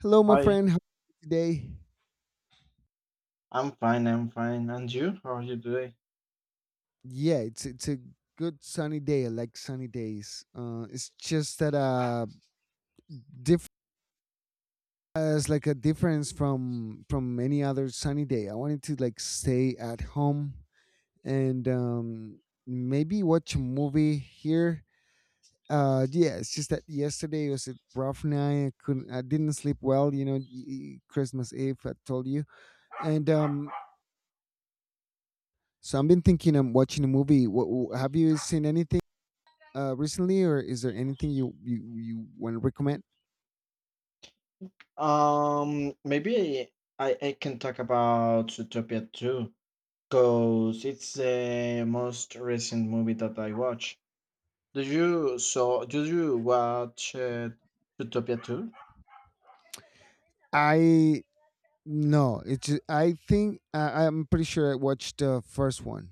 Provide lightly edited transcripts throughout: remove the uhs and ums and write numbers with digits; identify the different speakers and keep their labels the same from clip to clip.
Speaker 1: Hello, my
Speaker 2: Hi,
Speaker 1: friend. How are you today?
Speaker 2: I'm fine, I'm fine. And you? How are you today?
Speaker 1: Yeah, It's a good sunny day. I like sunny days. It's just that diff- as like a difference from any other sunny day. I wanted to like stay at home and maybe watch a movie here. Yeah, it's just that yesterday was a rough night. I didn't sleep well. Christmas Eve. I told you, and so I've been thinking I'm watching a movie. What, have you seen anything? Recently, or is there anything you want to recommend?
Speaker 2: Maybe I can talk about Zootopia 2 because it's the most recent movie that I watched. Did you saw? Did you watch Zootopia 2?
Speaker 1: I No, it's I think I'm pretty sure I watched the first one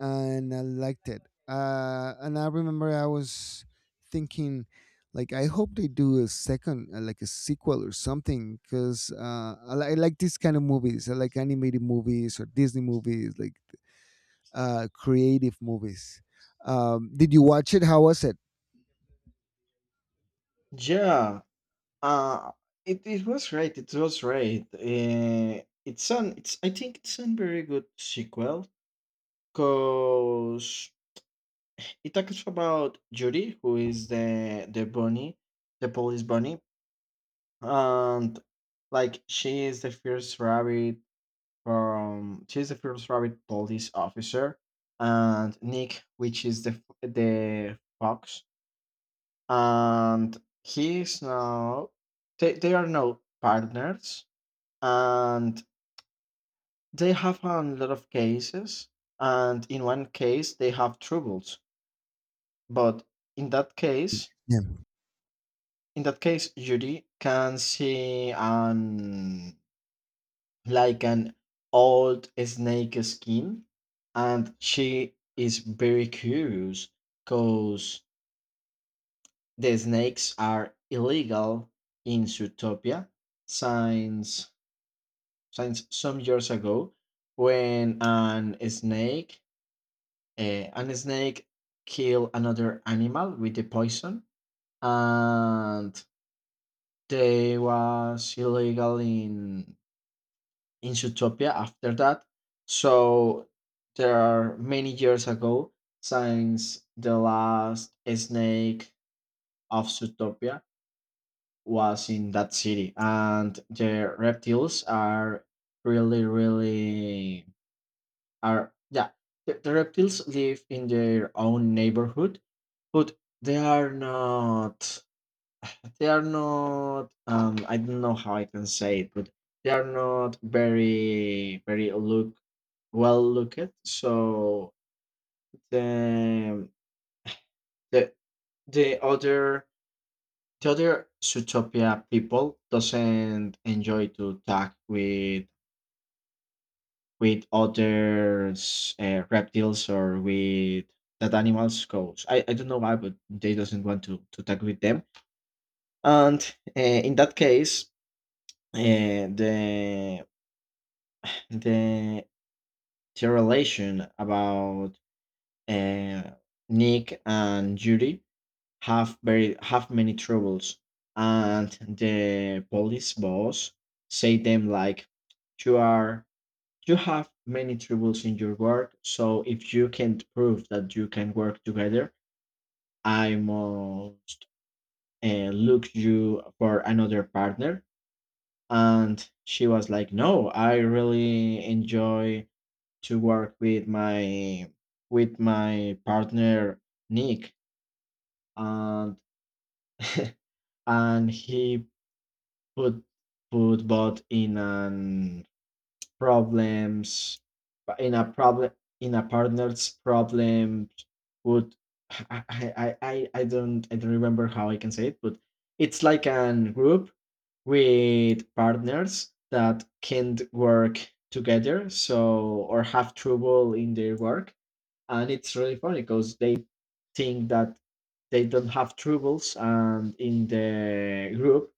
Speaker 1: and I liked it. And I remember I was thinking, like, I hope they do a second, like a sequel or something, because I like these kind of movies. I like animated movies or Disney movies, like creative movies. Did you watch it? How was it?
Speaker 2: Yeah. Uh it was great. It was great. It's an it's I think it's a very good sequel because it talks about Judy, who is the bunny, the police bunny, and like she is the first rabbit from she's the first rabbit police officer, and Nick, which is the fox, and he's now they are now partners, and they have a lot of cases, and in one case they have troubles, but in that case in that case, Judy can see an old snake skin, and she is very curious because the snakes are illegal in Zootopia since since some years ago when an snake an snake killed another animal with the poison and they was illegal in Zootopia after that. So there are many years ago since the last snake of Zootopia was in that city, and the reptiles are really, really are yeah. The reptiles live in their own neighborhood, but they are not they are not. I don't know how I can say it, but they are not very, very look well looked. So the the the other the other Zootopia people doesn't enjoy to talk with other reptiles or with that animals goes. I don't know why, but they doesn't want to talk with them. And in that case, uh, the the the relation about uh, Nick and Judy have very have many troubles, and the police boss say them like, "You are you have many troubles in your work, so if you can't prove that you can work together, I must look you for another partner." And she was like, "No, I really enjoy." to work with my partner Nick, and and he put put both in an problems in a problem in a partner's problem would I, I don't I don't remember how I can say it, but it's like an group with partners that can't work together so or have trouble in their work, and it's really funny because they think that they don't have troubles, and in the group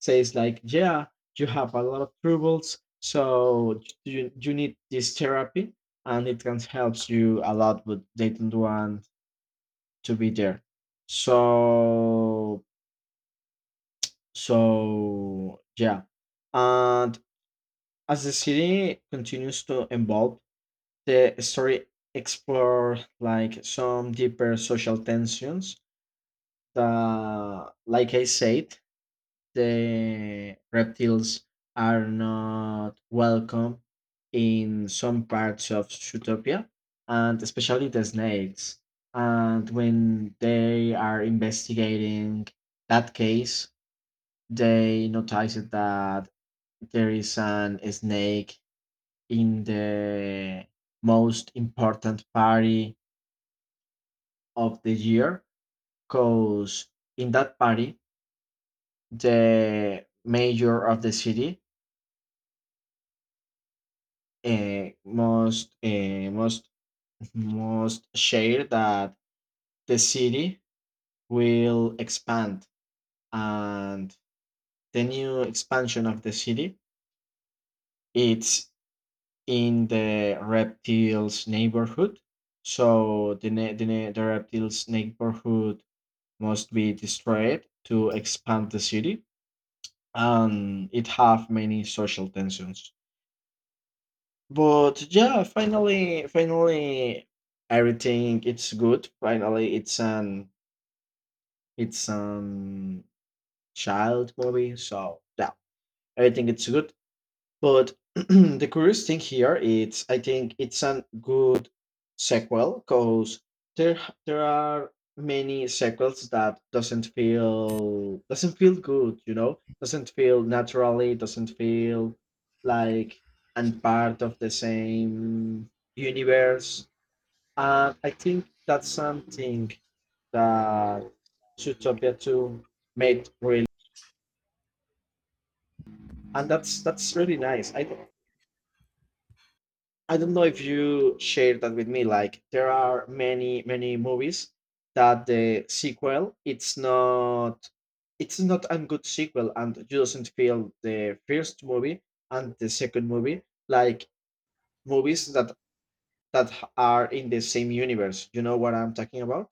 Speaker 2: says like yeah, you have a lot of troubles, so you need this therapy, and it can help you a lot, but they don't want to be there, so so yeah. And as the city continues to evolve, the story explores like some deeper social tensions, like I said, the reptiles are not welcome in some parts of Zootopia, and especially the snakes. And when they are investigating that case, they noticed that there is an snake in the most important party of the year, because in that party the mayor of the city uh, must uh, must must share that the city will expand, and the new expansion of the city it's in the reptiles neighborhood, so the reptiles neighborhood must be destroyed to expand the city, and it have many social tensions. But yeah, finally, finally, everything it's good. Finally, it's an child movie, so yeah, everything it's good. But the curious thing here is, I think it's a good sequel, because there there are many sequels that doesn't feel good, doesn't feel naturally, doesn't feel like and part of the same universe. And I think that's something that Zootopia 2 made really, and that's really nice. I don't know if you share that with me. Like there are many, many movies that the sequel it's not a good sequel, and you doesn't feel the first movie and the second movie like movies that are in the same universe. You know what I'm talking about?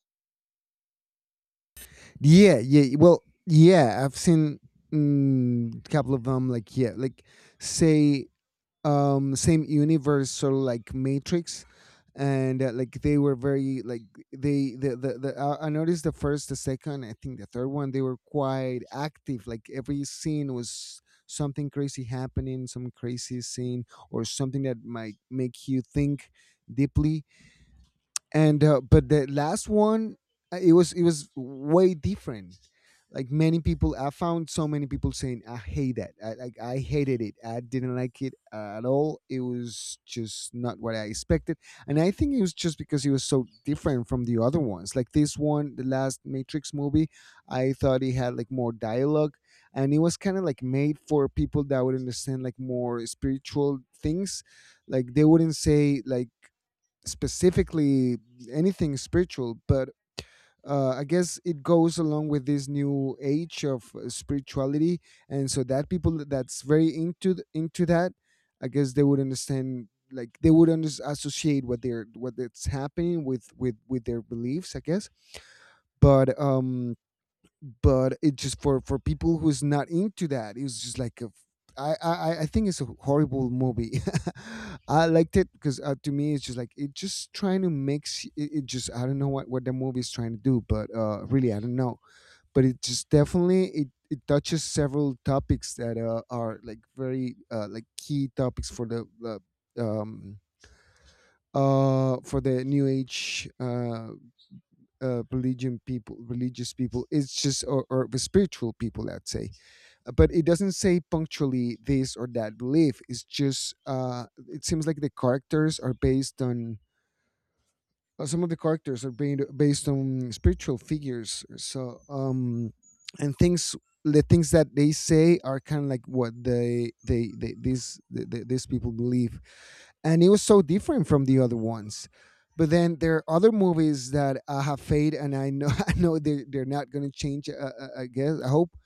Speaker 1: Yeah, yeah. Well, yeah, I've seen a couple of them. Like, yeah, like say, same universe, sort of like Matrix, and like they were very like they the I noticed the first, the second, I think the third one, they were quite active. Like every scene was something crazy happening, some crazy scene or something that might make you think deeply and but the last one, it was way different, like many people I found. So many people saying I hate that, I I hated it, I didn't like it at all. It was just not what I expected, and I think it was just because it was so different from the other ones, like this one, the last Matrix movie. I thought it had like more dialogue and it was kind of like made for people that would understand like more spiritual things. Like they wouldn't say like specifically anything spiritual, but I guess it goes along with this new age of spirituality, and so that people that's very into that, I guess they would understand, like they would associate what they're what that's happening with with their beliefs, I guess. But um, but it just, for people who's not into that, it was just like a I think it's a horrible movie. I liked it because to me it's just like it just trying to mix. It just, I don't know what the movie is trying to do, but really I don't know. But it just definitely it touches several topics that are like very like key topics um for the new age religion people, religious people. It's just, or the spiritual people, let's say. But it doesn't say punctually this or that belief. It's just it seems like the characters are based on some of the characters are being based on spiritual figures, so and things, the things that they say are kind of like what they these the- these people believe, and it was so different from the other ones. But then there are other movies that have fade, and I know I know they they're not going to change I guess I hope,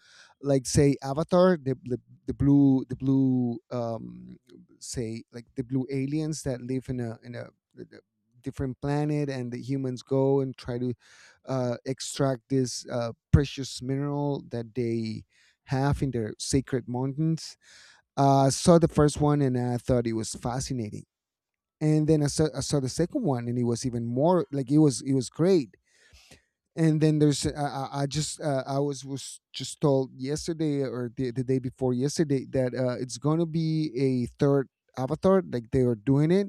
Speaker 1: like say Avatar, the the blue say like the blue aliens that live in a different planet and the humans go and try to extract this precious mineral that they have in their sacred mountains. I saw the first one and I thought it was fascinating. And then I saw the second one and it was even more like, it was great. And then there's I just I was just told yesterday or the day before yesterday that it's going to be a third Avatar, like they are doing it,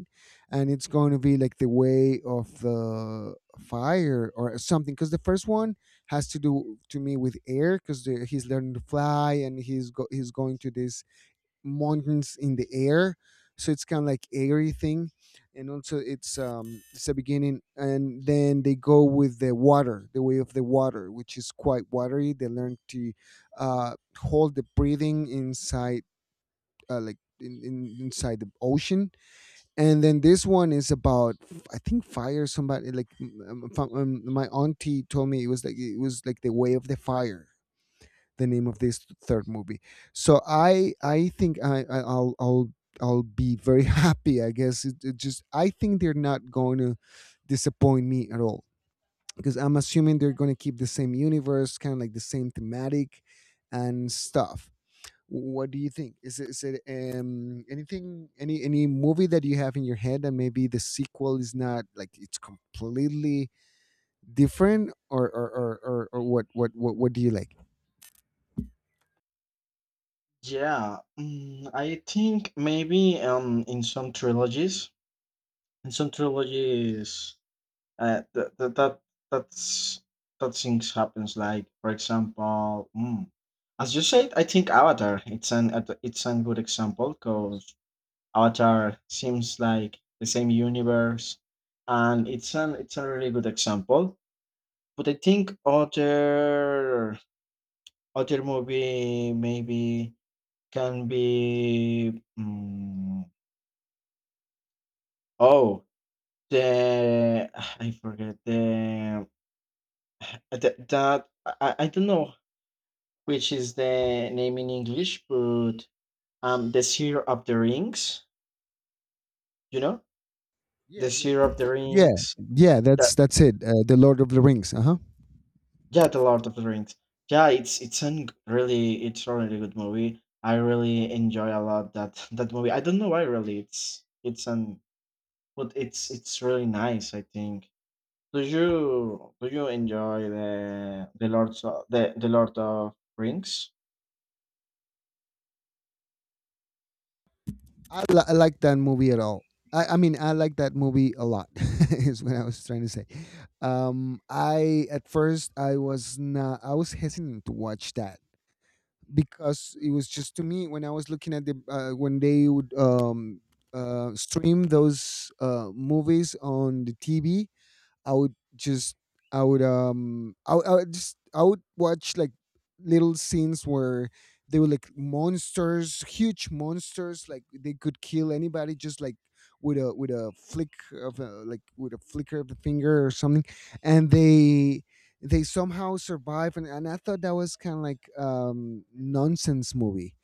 Speaker 1: and it's going to be like the way of the fire or something, because the first one has to do, to me, with air, because he's learning to fly and he's going to this mountains in the air, so it's kind of like airy thing. And also it's the beginning, and then they go with the water, the way of the water, which is quite watery. They learn to hold the breathing inside, like inside the ocean. And then this one is about, I think, fire, somebody like my auntie told me it was like, it was like the way of the fire, the name of this third movie. So I think I'll I'll be very happy. I guess it just, I think they're not going to disappoint me at all, because I'm assuming they're going to keep the same universe, kind of like the same thematic and stuff. What do you think? Is it anything, any movie that you have in your head that maybe the sequel is not like, it's completely different, or what, what do you like?
Speaker 2: Yeah, mm, I think maybe in some trilogies Uh, that that that that's that things happens. Like for example, mm, as you said, I think Avatar. It's a good example because Avatar seems like the same universe, and it's a really good example. But I think other other movie maybe can be oh the I forget the that, that I don't know which is the name in English, but the Seer of the Rings. You know,
Speaker 1: Yeah,
Speaker 2: the
Speaker 1: yeah.
Speaker 2: Seer of the
Speaker 1: Yeah,
Speaker 2: Rings.
Speaker 1: yeah,
Speaker 2: That,
Speaker 1: that's it. The Lord of the Rings. Uh huh.
Speaker 2: yeah, the Lord of the Rings. Yeah, it's a really good movie. I really enjoy a lot that that movie. I don't know why really it's an but it's really nice. I think. Do you enjoy the Lord of Rings?
Speaker 1: I like that movie at all. I mean, I like that movie a lot. is what I was trying to say. I at first I was not. I was hesitant to watch that because it was just, to me, when I was looking at the when they would stream those movies on the TV. I would just I would I would just I would watch like little scenes where they were like monsters, huge monsters, like they could kill anybody just like with a flick of a, like with a flicker of the finger or something, and they somehow survive, and I thought that was kind of like nonsense movie,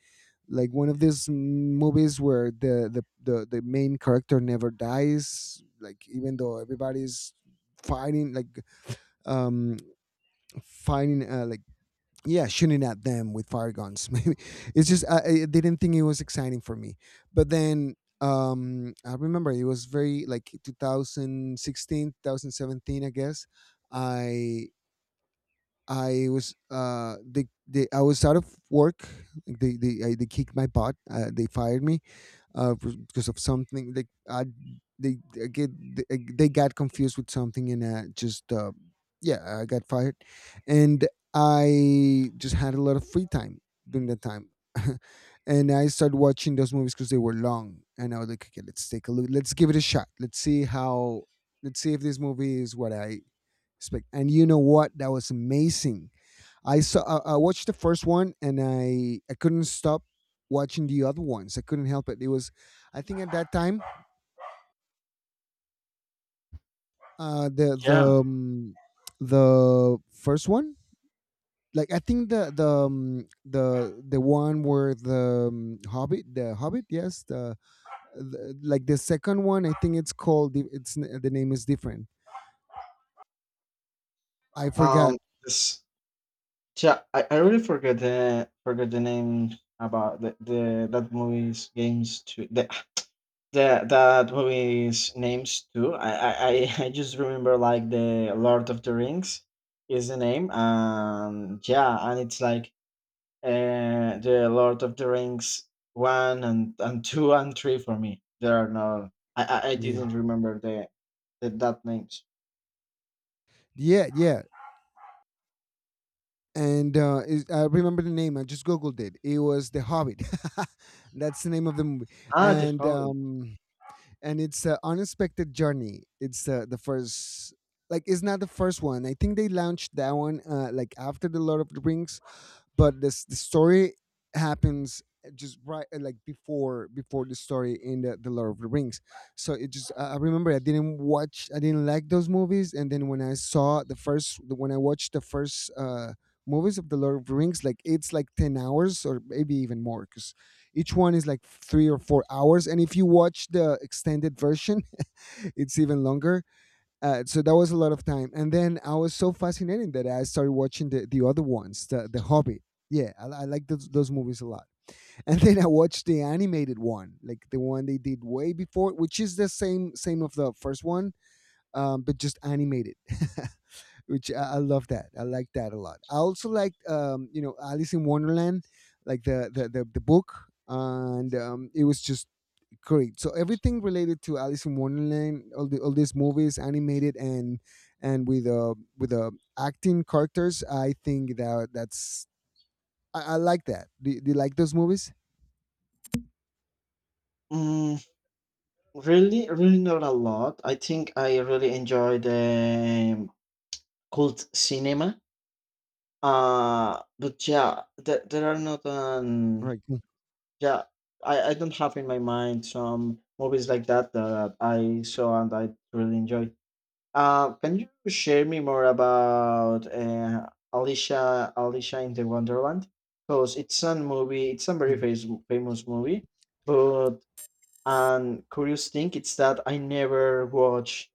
Speaker 1: like one of these movies where the main character never dies, like even though everybody's fighting like um fighting like yeah, shooting at them with fire guns maybe. It's just, I didn't think it was exciting for me, but then I remember it was very like 2016 2017 I guess. I i was they I was out of work, like they kicked my butt, they fired me, because of something, like I, they I get they got confused with something and just yeah, I got fired, and I just had a lot of free time during that time. And I started watching those movies because they were long, and I was like, okay, let's take a look, let's give it a shot, let's see if this movie is what I expect. And you know what? That was amazing. I watched the first one and I couldn't stop watching the other ones. I couldn't help it. It was, I think at that time uh the
Speaker 2: Yeah.
Speaker 1: the um, the first one, like I think the one where the Hobbit, the Hobbit, yes, like the second one, I think it's called it's the name is different, I forgot.
Speaker 2: Um. This, Yeah, I really forget the name about the that movie's games too. The that movie's names too. I I just remember like the Lord of the Rings is the name. Yeah, and it's like the Lord of the Rings one and two and three for me. There are no I
Speaker 1: Yeah,
Speaker 2: didn't remember the that names.
Speaker 1: yeah, yeah. And I remember the name, I just googled it. It was the Hobbit that's the name of the movie.
Speaker 2: Ah, the
Speaker 1: and
Speaker 2: Hobbit.
Speaker 1: um and it's an unexpected journey. It's the first, like, it's not the first one. I think they launched that one like after the Lord of the Rings, but this, the story happens just right like before the story in the Lord of the Rings. So it just, I remember I didn't watch, I didn't like those movies, and then when I watched the first movies of the Lord of the Rings, like, it's like 10 hours or maybe even more, because each one is like 3 or 4 hours, and if you watch the extended version it's even longer. So that was a lot of time, and then I was so fascinated that I started watching the other ones, the Hobbit. Yeah, I like those movies a lot. And then I watched the animated one, like the one they did way before, which is the same of the first one, but just animated. Which I love that. I like that a lot. I also like, you know Alice in Wonderland, like the book, and it was just correct. So everything related to Alice in Wonderland, all these movies, animated and with acting characters. I think that that's I like that. Do you like those movies?
Speaker 2: Mm, really, really not a lot. I think I really enjoy the cult cinema. But yeah, there are not
Speaker 1: Right.
Speaker 2: yeah, I don't have in my mind some movies like that that I saw and I really enjoyed. Can you share me more about Alicia in the Wonderland? Because it's a movie, it's a very famous movie, but an curious thing it's that I never watch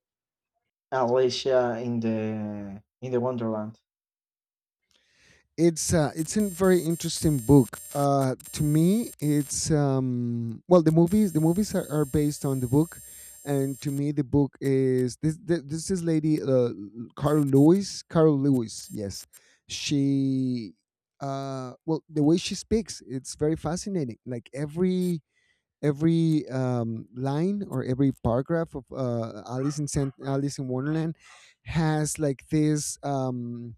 Speaker 2: Alicia in the Wonderland.
Speaker 1: It's a very interesting book. To me, it's well, the movies are based on the book, and to me the book is this this is lady, Carol Lewis. Yes, she, well, the way she speaks, it's very fascinating. Like every line, or every paragraph of Alice in Wonderland has like this. Um,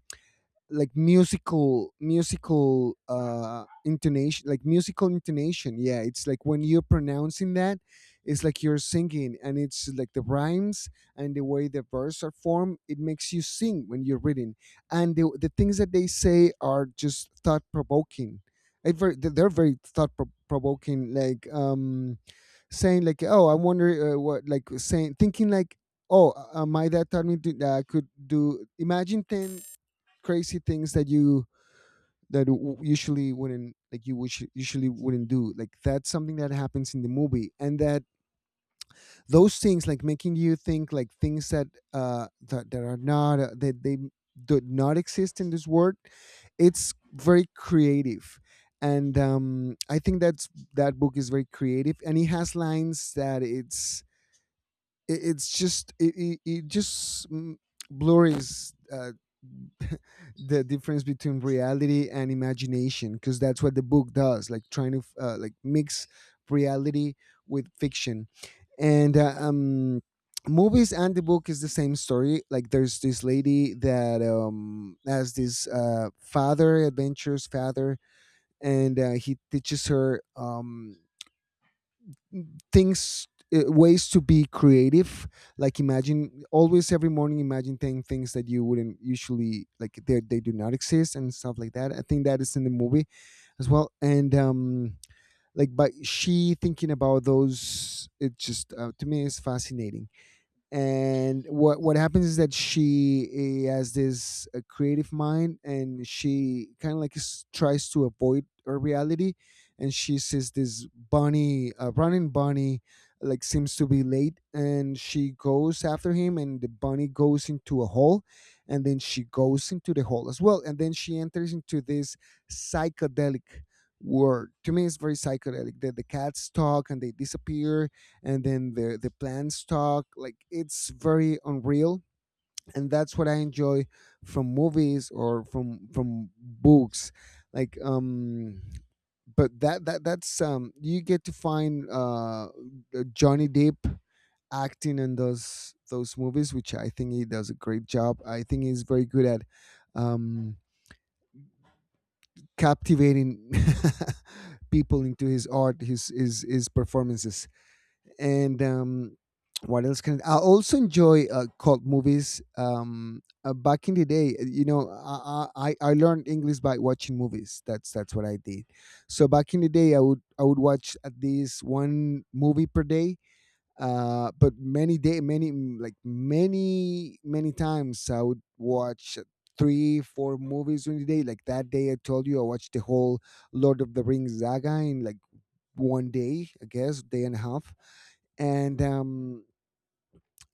Speaker 1: like musical intonation, like musical intonation. Yeah, it's like when you're pronouncing that, it's like you're singing, and it's like the rhymes and the way the verse are formed, it makes you sing when you're reading. And the things that they say are just thought provoking. They're very thought provoking. Like saying like, oh, I wonder, what, like saying, thinking like, oh, my dad taught me that I could do, imagine 10 crazy things that you, that usually wouldn't, like you wish usually wouldn't do. Like that's something that happens in the movie, and that those things like making you think, like things that that are not, that they do not exist in this world. It's very creative, and I think that book is very creative, and it has lines that it's, it, it's just it, it, it just blurs, the difference between reality and imagination, because that's what the book does, like trying to, like mix reality with fiction. And Movies and the book is the same story. Like there's this lady that has this father adventurous father, and he teaches her, things, ways to be creative, like imagine always, every morning, imagine 10 things that you wouldn't usually, like they do not exist and stuff like that. I think that is in the movie as well. And like, but she thinking about those, it just, to me is fascinating. And what happens is that she, has this, creative mind, and she kind of like tries to avoid her reality. And she sees this bunny running bunny, like seems to be late, and she goes after him, and the bunny goes into a hole, and then she goes into the hole as well, and then she enters into this psychedelic world. To me it's very psychedelic, that the cats talk and they disappear, and then the plants talk. Like, it's very unreal, and that's what I enjoy from movies, or from books. Like but that that that's you get to find Johnny Depp acting in those movies, which I think he does a great job. I think he's very good at um captivating people into his art, his performances. And What else? Can I also enjoy, cult movies? Back in the day, you know, I learned English by watching movies. That's what I did. So back in the day, I would watch at least one movie per day. But many day many mm, like many many times I would watch three four movies during the day. Like that day I told you, I watched the whole Lord of the Rings saga in like one day, I guess, day and a half. And um,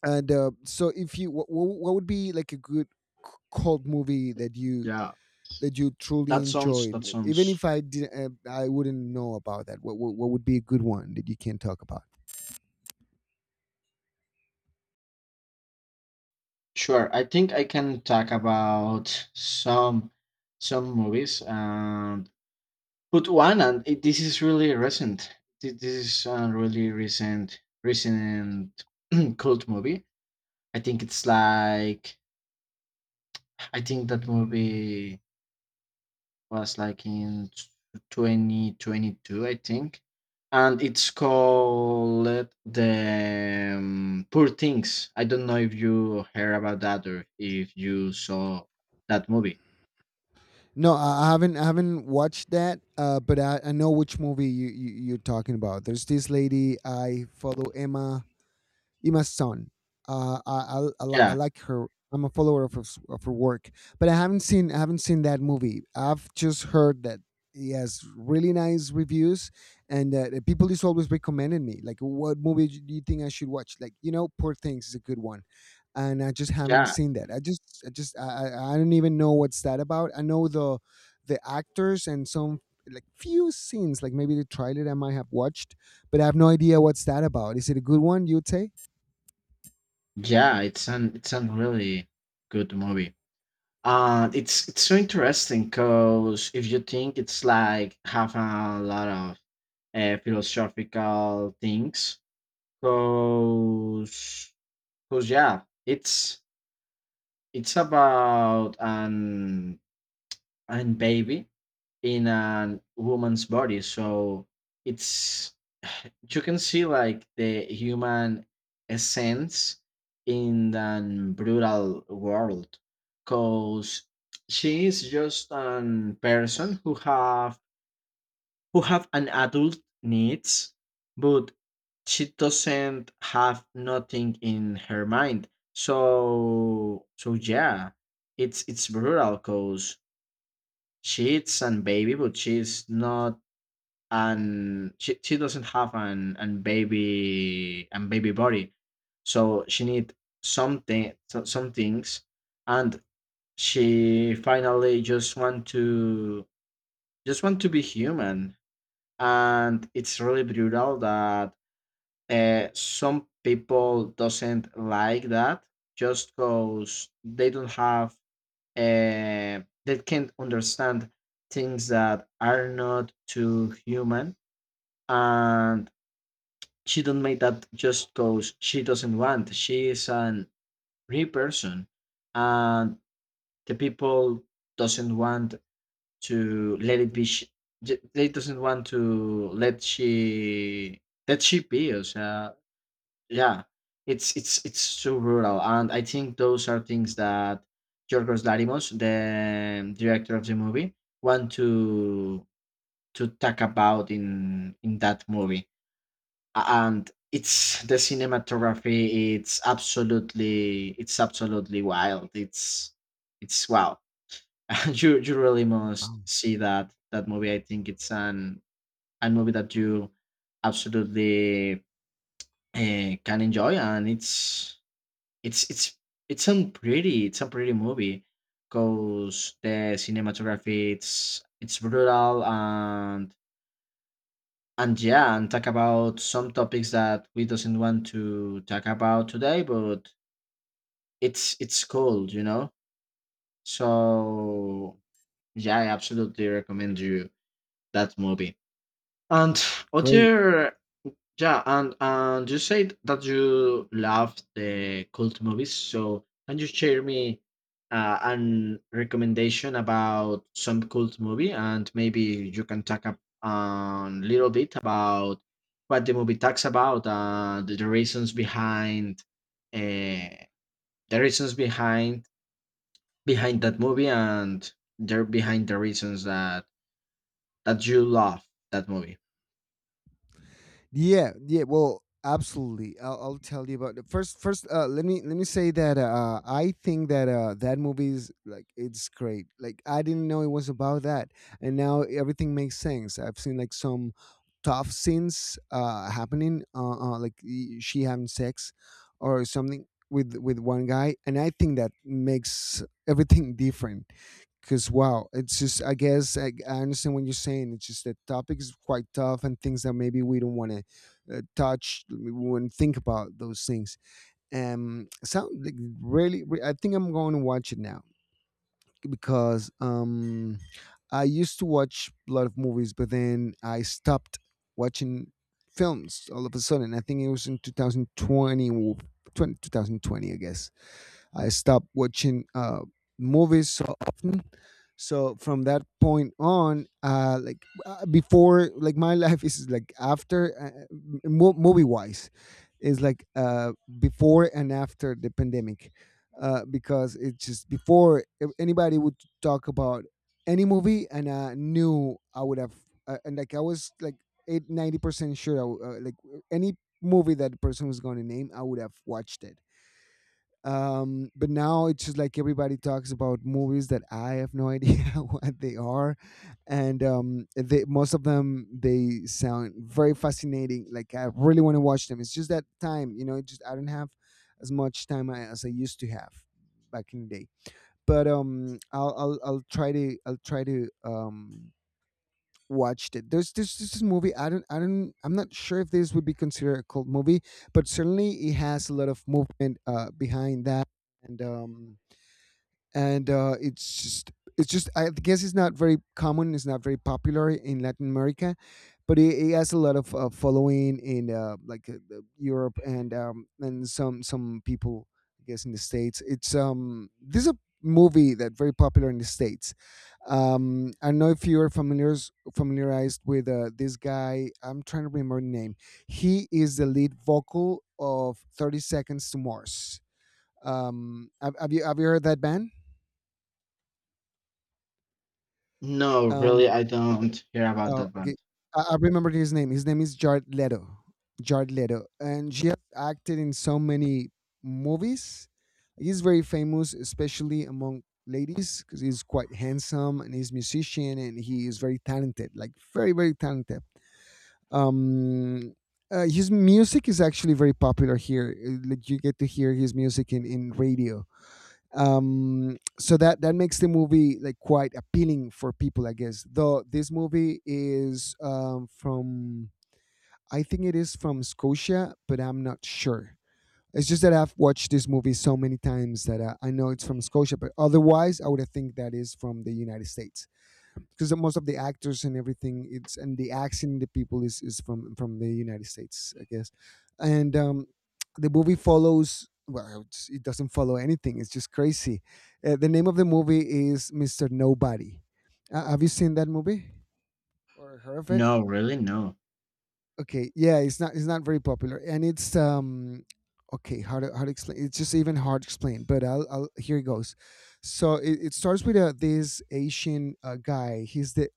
Speaker 1: and so, if you what would be like a good cult movie that you
Speaker 2: Yeah,
Speaker 1: that you truly
Speaker 2: that sounds
Speaker 1: enjoyed,
Speaker 2: that
Speaker 1: even if
Speaker 2: sounds.
Speaker 1: I did, I wouldn't know about that. What would be a good one that you can talk about?
Speaker 2: Sure, I think I can talk about some movies and put one and it, this is really recent. This is a really recent recent cult movie. I think it's like I think that movie was like in 2022, I think. And it's called the Poor Things. I don't know if you heard about that or if you saw that movie.
Speaker 1: No, I haven't. I haven't watched that. But I know which movie you're talking about. There's this lady I follow, Emma Ima's son. I
Speaker 2: Yeah,
Speaker 1: like her. I'm a follower of her work, but I haven't seen that movie. I've just heard that he has really nice reviews, and the people is always recommending me like, "What movie do you think I should watch?" Like, Poor Things is a good one, and I just haven't
Speaker 2: yeah,
Speaker 1: seen that. I just I just I don't even know what's that about. I know the actors and some, like few scenes, like maybe the trailer I might have watched, but I have no idea what's that about. Is it a good one, you'd say?
Speaker 2: yeah. It's an it's a really good movie. And it's so interesting because if you think it's like have a lot of philosophical things, because because yeah, it's about an baby in a woman's body, so it's you can see like the human essence in the brutal world, cause she is just an person who have an adult needs, but she doesn't have nothing in her mind, so so yeah, it's brutal because she's an baby but she's not an she doesn't have an baby an baby body, so she need something so, some things, and she finally just want to be human, and it's really brutal that some people doesn't like that just because they don't have uh, they can't understand things that are not too human, and she don't make that just because she doesn't want, she is an real person, and the people doesn't want to let it they doesn't want to let she be us yeah, it's so rural, and I think those are things that Yorgos Larimos, the director of the movie, want to talk about in that movie. A- and it's the cinematography, it's absolutely wild, it's wow. You really must
Speaker 1: Wow,
Speaker 2: see that that movie. I think it's an a movie that you absolutely can enjoy, and it's it's it's a pretty movie because the cinematography it's brutal, and yeah, and talk about some topics that we doesn't want to talk about today, but it's cool, you know. So yeah, I absolutely recommend you that movie. And
Speaker 1: great.
Speaker 2: other, yeah, and you said that you love the cult movies. So can you share me an recommendation about some cult movie, and maybe you can talk a little bit about what the movie talks about and the reasons behind uh, the reasons behind behind that movie, and there behind the reasons that that you love that movie.
Speaker 1: Yeah, yeah. Well, absolutely. I'll tell you about it. First, let me, say that, I think that, that movie is like it's great. Like I didn't know it was about that, and now everything makes sense. I've seen like some tough scenes, happening, like she having sex or something with one guy, and I think that makes everything different. Because, wow, it's just, I guess, I understand what you're saying. It's just that topic is quite tough, and things that maybe we don't want to, touch, we wouldn't think about those things. Sound like really, I think I'm going to watch it now. Because I used to watch a lot of movies, but then I stopped watching films all of a sudden. I think it was in 2020, I guess. I stopped watching, movies so often. So from that point on, like, before, like my life is like after, movie wise is like before and after the pandemic. Because it's just, before, if anybody would talk about any movie, and I knew, I would have, and like I was like 8 90% sure like any movie that person was going to name, I would have watched it. But now it's just like everybody talks about movies that I have no idea what they are. And they most of them, they sound very fascinating. Like, I really want to watch them. It's just that time, it just, I don't have as much time as I used to have back in the day. But I'll try to watched it. There's this movie. I don't, I'm not sure if this would be considered a cult movie, but certainly it has a lot of movement behind that. And um, and It's just, I guess, it's not very common. It's not very popular in Latin America, but it has a lot of following in, like, the Europe, and some people, I guess, in the states. It's This is a movie that very popular in the states. I don't know if you're familiarized with, this guy. I'm trying to remember the name. He is the lead vocal of 30 Seconds to Mars. Have you heard that band?
Speaker 2: No,
Speaker 1: Um,
Speaker 2: really, I don't care about
Speaker 1: oh,
Speaker 2: that
Speaker 1: okay.
Speaker 2: band.
Speaker 1: I remembered his name. His name is Jared Leto. Jared Leto, and she has acted in so many movies. He's very famous, especially among ladies, because he's quite handsome, and he's musician, and he is very talented, like very, very talented. Um, his music is actually very popular here. Like, you get to hear his music in radio. So that makes the movie like quite appealing for people, I guess. Though this movie is from, I think it is from Scotia, but I'm not sure. It's just that I've watched this movie so many times that I know it's from Scotia, but otherwise I would have think that is from the United States. Because most of the actors and everything, it's, and the accent, the people is from the United States, I guess. And the movie follows, well, it doesn't follow anything, it's just crazy. The name of the movie is Mr. Nobody. Have you seen that movie, or heard of it?
Speaker 2: No, really, no.
Speaker 1: Okay, yeah, it's not, very popular. And it's, okay, how to explain. It's just even hard to explain, but I'll here it goes. So it starts with, this Asian, guy. He's the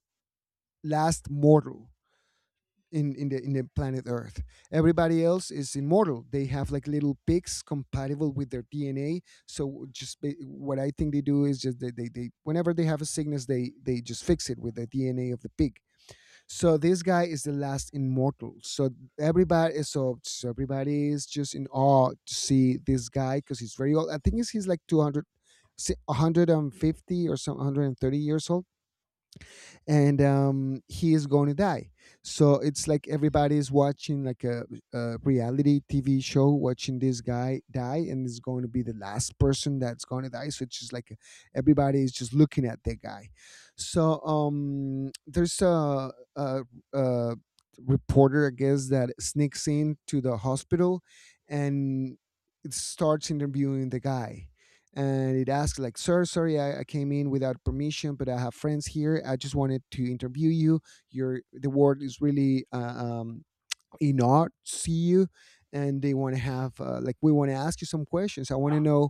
Speaker 1: last mortal in the planet Earth. Everybody else is immortal. They have like little pigs compatible with their DNA. So just what I think they do is just they, whenever they have a sickness, they just fix it with the DNA of the pig. So this guy is the last immortal. So everybody is just in awe to see this guy because he's very old. I think he's like 200 150 or some 130 years old and he is going to die. So it's like everybody's watching like a reality TV show, watching this guy die, and is going to be the last person that's going to die. So it's just like everybody is just looking at that guy. So there's a reporter, I guess, that sneaks in to the hospital and it starts interviewing the guy, and it asked like, "Sir, sorry, I came in without permission, but I have friends here. I just wanted to interview you. Your the word is really in awe to see you, and they want to have like, we want to ask you some questions. I want to know,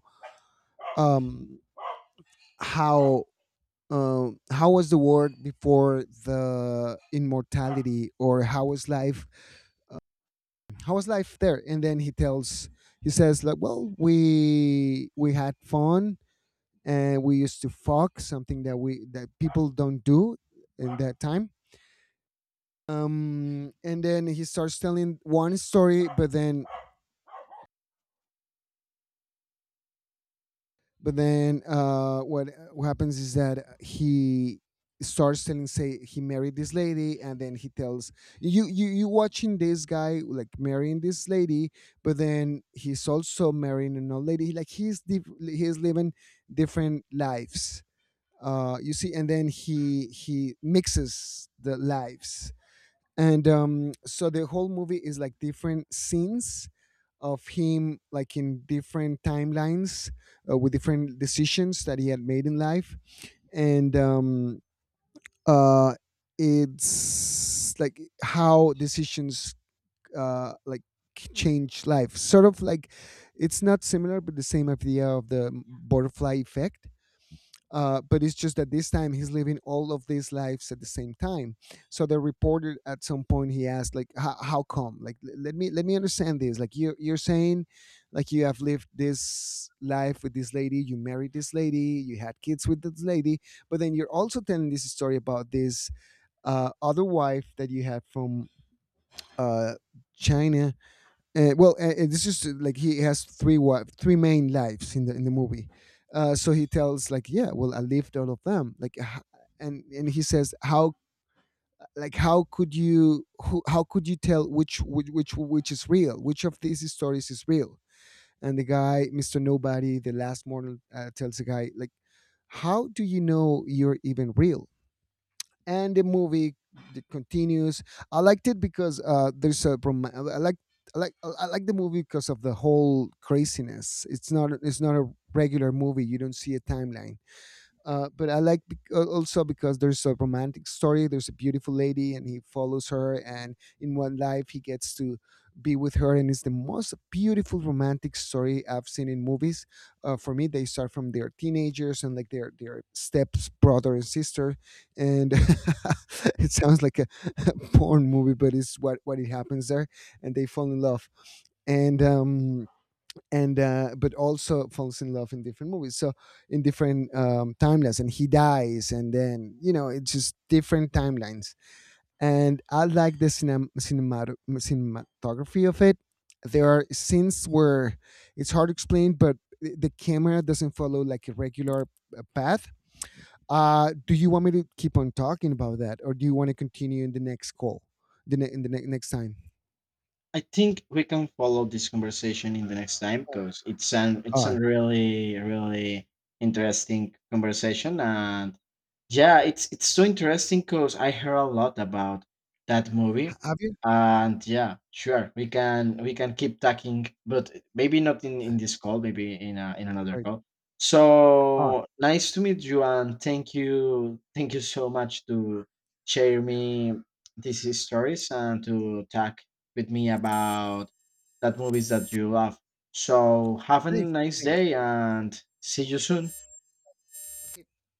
Speaker 1: um how, how was the world before the immortality, or how was life, how was life there?" And then he tells, he says like, "Well, we had fun and we used to fuck something that we, that people don't do in that time." And then he starts telling one story, but then, but then what happens is that he starts telling, say, he married this lady, and then he tells, you watching this guy like marrying this lady, but then he's also marrying an old lady, like he's he's living different lives, you see. And then he mixes the lives, and so the whole movie is like different scenes of him, like in different timelines, with different decisions that he had made in life. And uh, it's like how decisions, uh, like change life, sort of like, it's not similar, but the same idea of the butterfly effect. But it's just that this time he's living all of these lives at the same time. So the reporter, at some point, he asked, like, How come? Like, let me, let me understand this. Like, you're saying, like, you have lived this life with this lady, you married this lady, you had kids with this lady, but then you're also telling this story about this other wife that you had from uh, China." This is, like, he has three wife, three main lives in the movie. So he tells like, "Yeah, well, I lived all of them." Like, and he says, "How, like, how could you, how could you tell which which is real? Which of these stories is real?" And the guy, Mister Nobody, the last mortal, tells the guy like, "How do you know you're even real?" And the movie, it continues. I liked it because there's a I like the movie because of the whole craziness. It's not a regular movie. You don't see a timeline. But I like also because there's a romantic story. There's a beautiful lady, and he follows her. And in one life, he gets to be with her, and it's the most beautiful romantic story I've seen in movies. For me, they start from their teenagers, and like their steps brother and sister, and it sounds like a porn movie, but it's what it happens there, and they fall in love. And um, and But also falls in love in different movies, so in different timelines, and he dies, and then, you know, it's just different timelines. And I like the cinematography of it. There are scenes where it's hard to explain, but the camera doesn't follow like a regular path. Do you want me to keep on talking about that, or do you want to continue in the next call, the next time?
Speaker 2: I think we can follow this conversation in the next time
Speaker 1: All right.
Speaker 2: because it's an
Speaker 1: All
Speaker 2: it's a
Speaker 1: right.
Speaker 2: really really interesting conversation, and yeah, it's so interesting because I heard a lot about that movie,
Speaker 1: Have you?
Speaker 2: and yeah, sure, we can keep talking, but maybe not in in this call, maybe in a, in another
Speaker 1: Right.
Speaker 2: call.
Speaker 1: All right.
Speaker 2: So nice to meet you, and thank you so much to share me these stories and to talk with me about that movies that you love. So have a
Speaker 1: Thanks.
Speaker 2: nice
Speaker 1: Thanks.
Speaker 2: day and see you soon.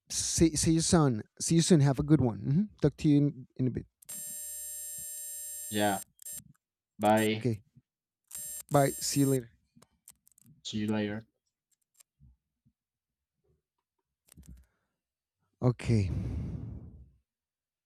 Speaker 1: See you soon. See you soon. Have a good one. Talk to you in a bit.
Speaker 2: Yeah, bye.
Speaker 1: Okay. Bye. See you later.
Speaker 2: See you later.
Speaker 1: Okay.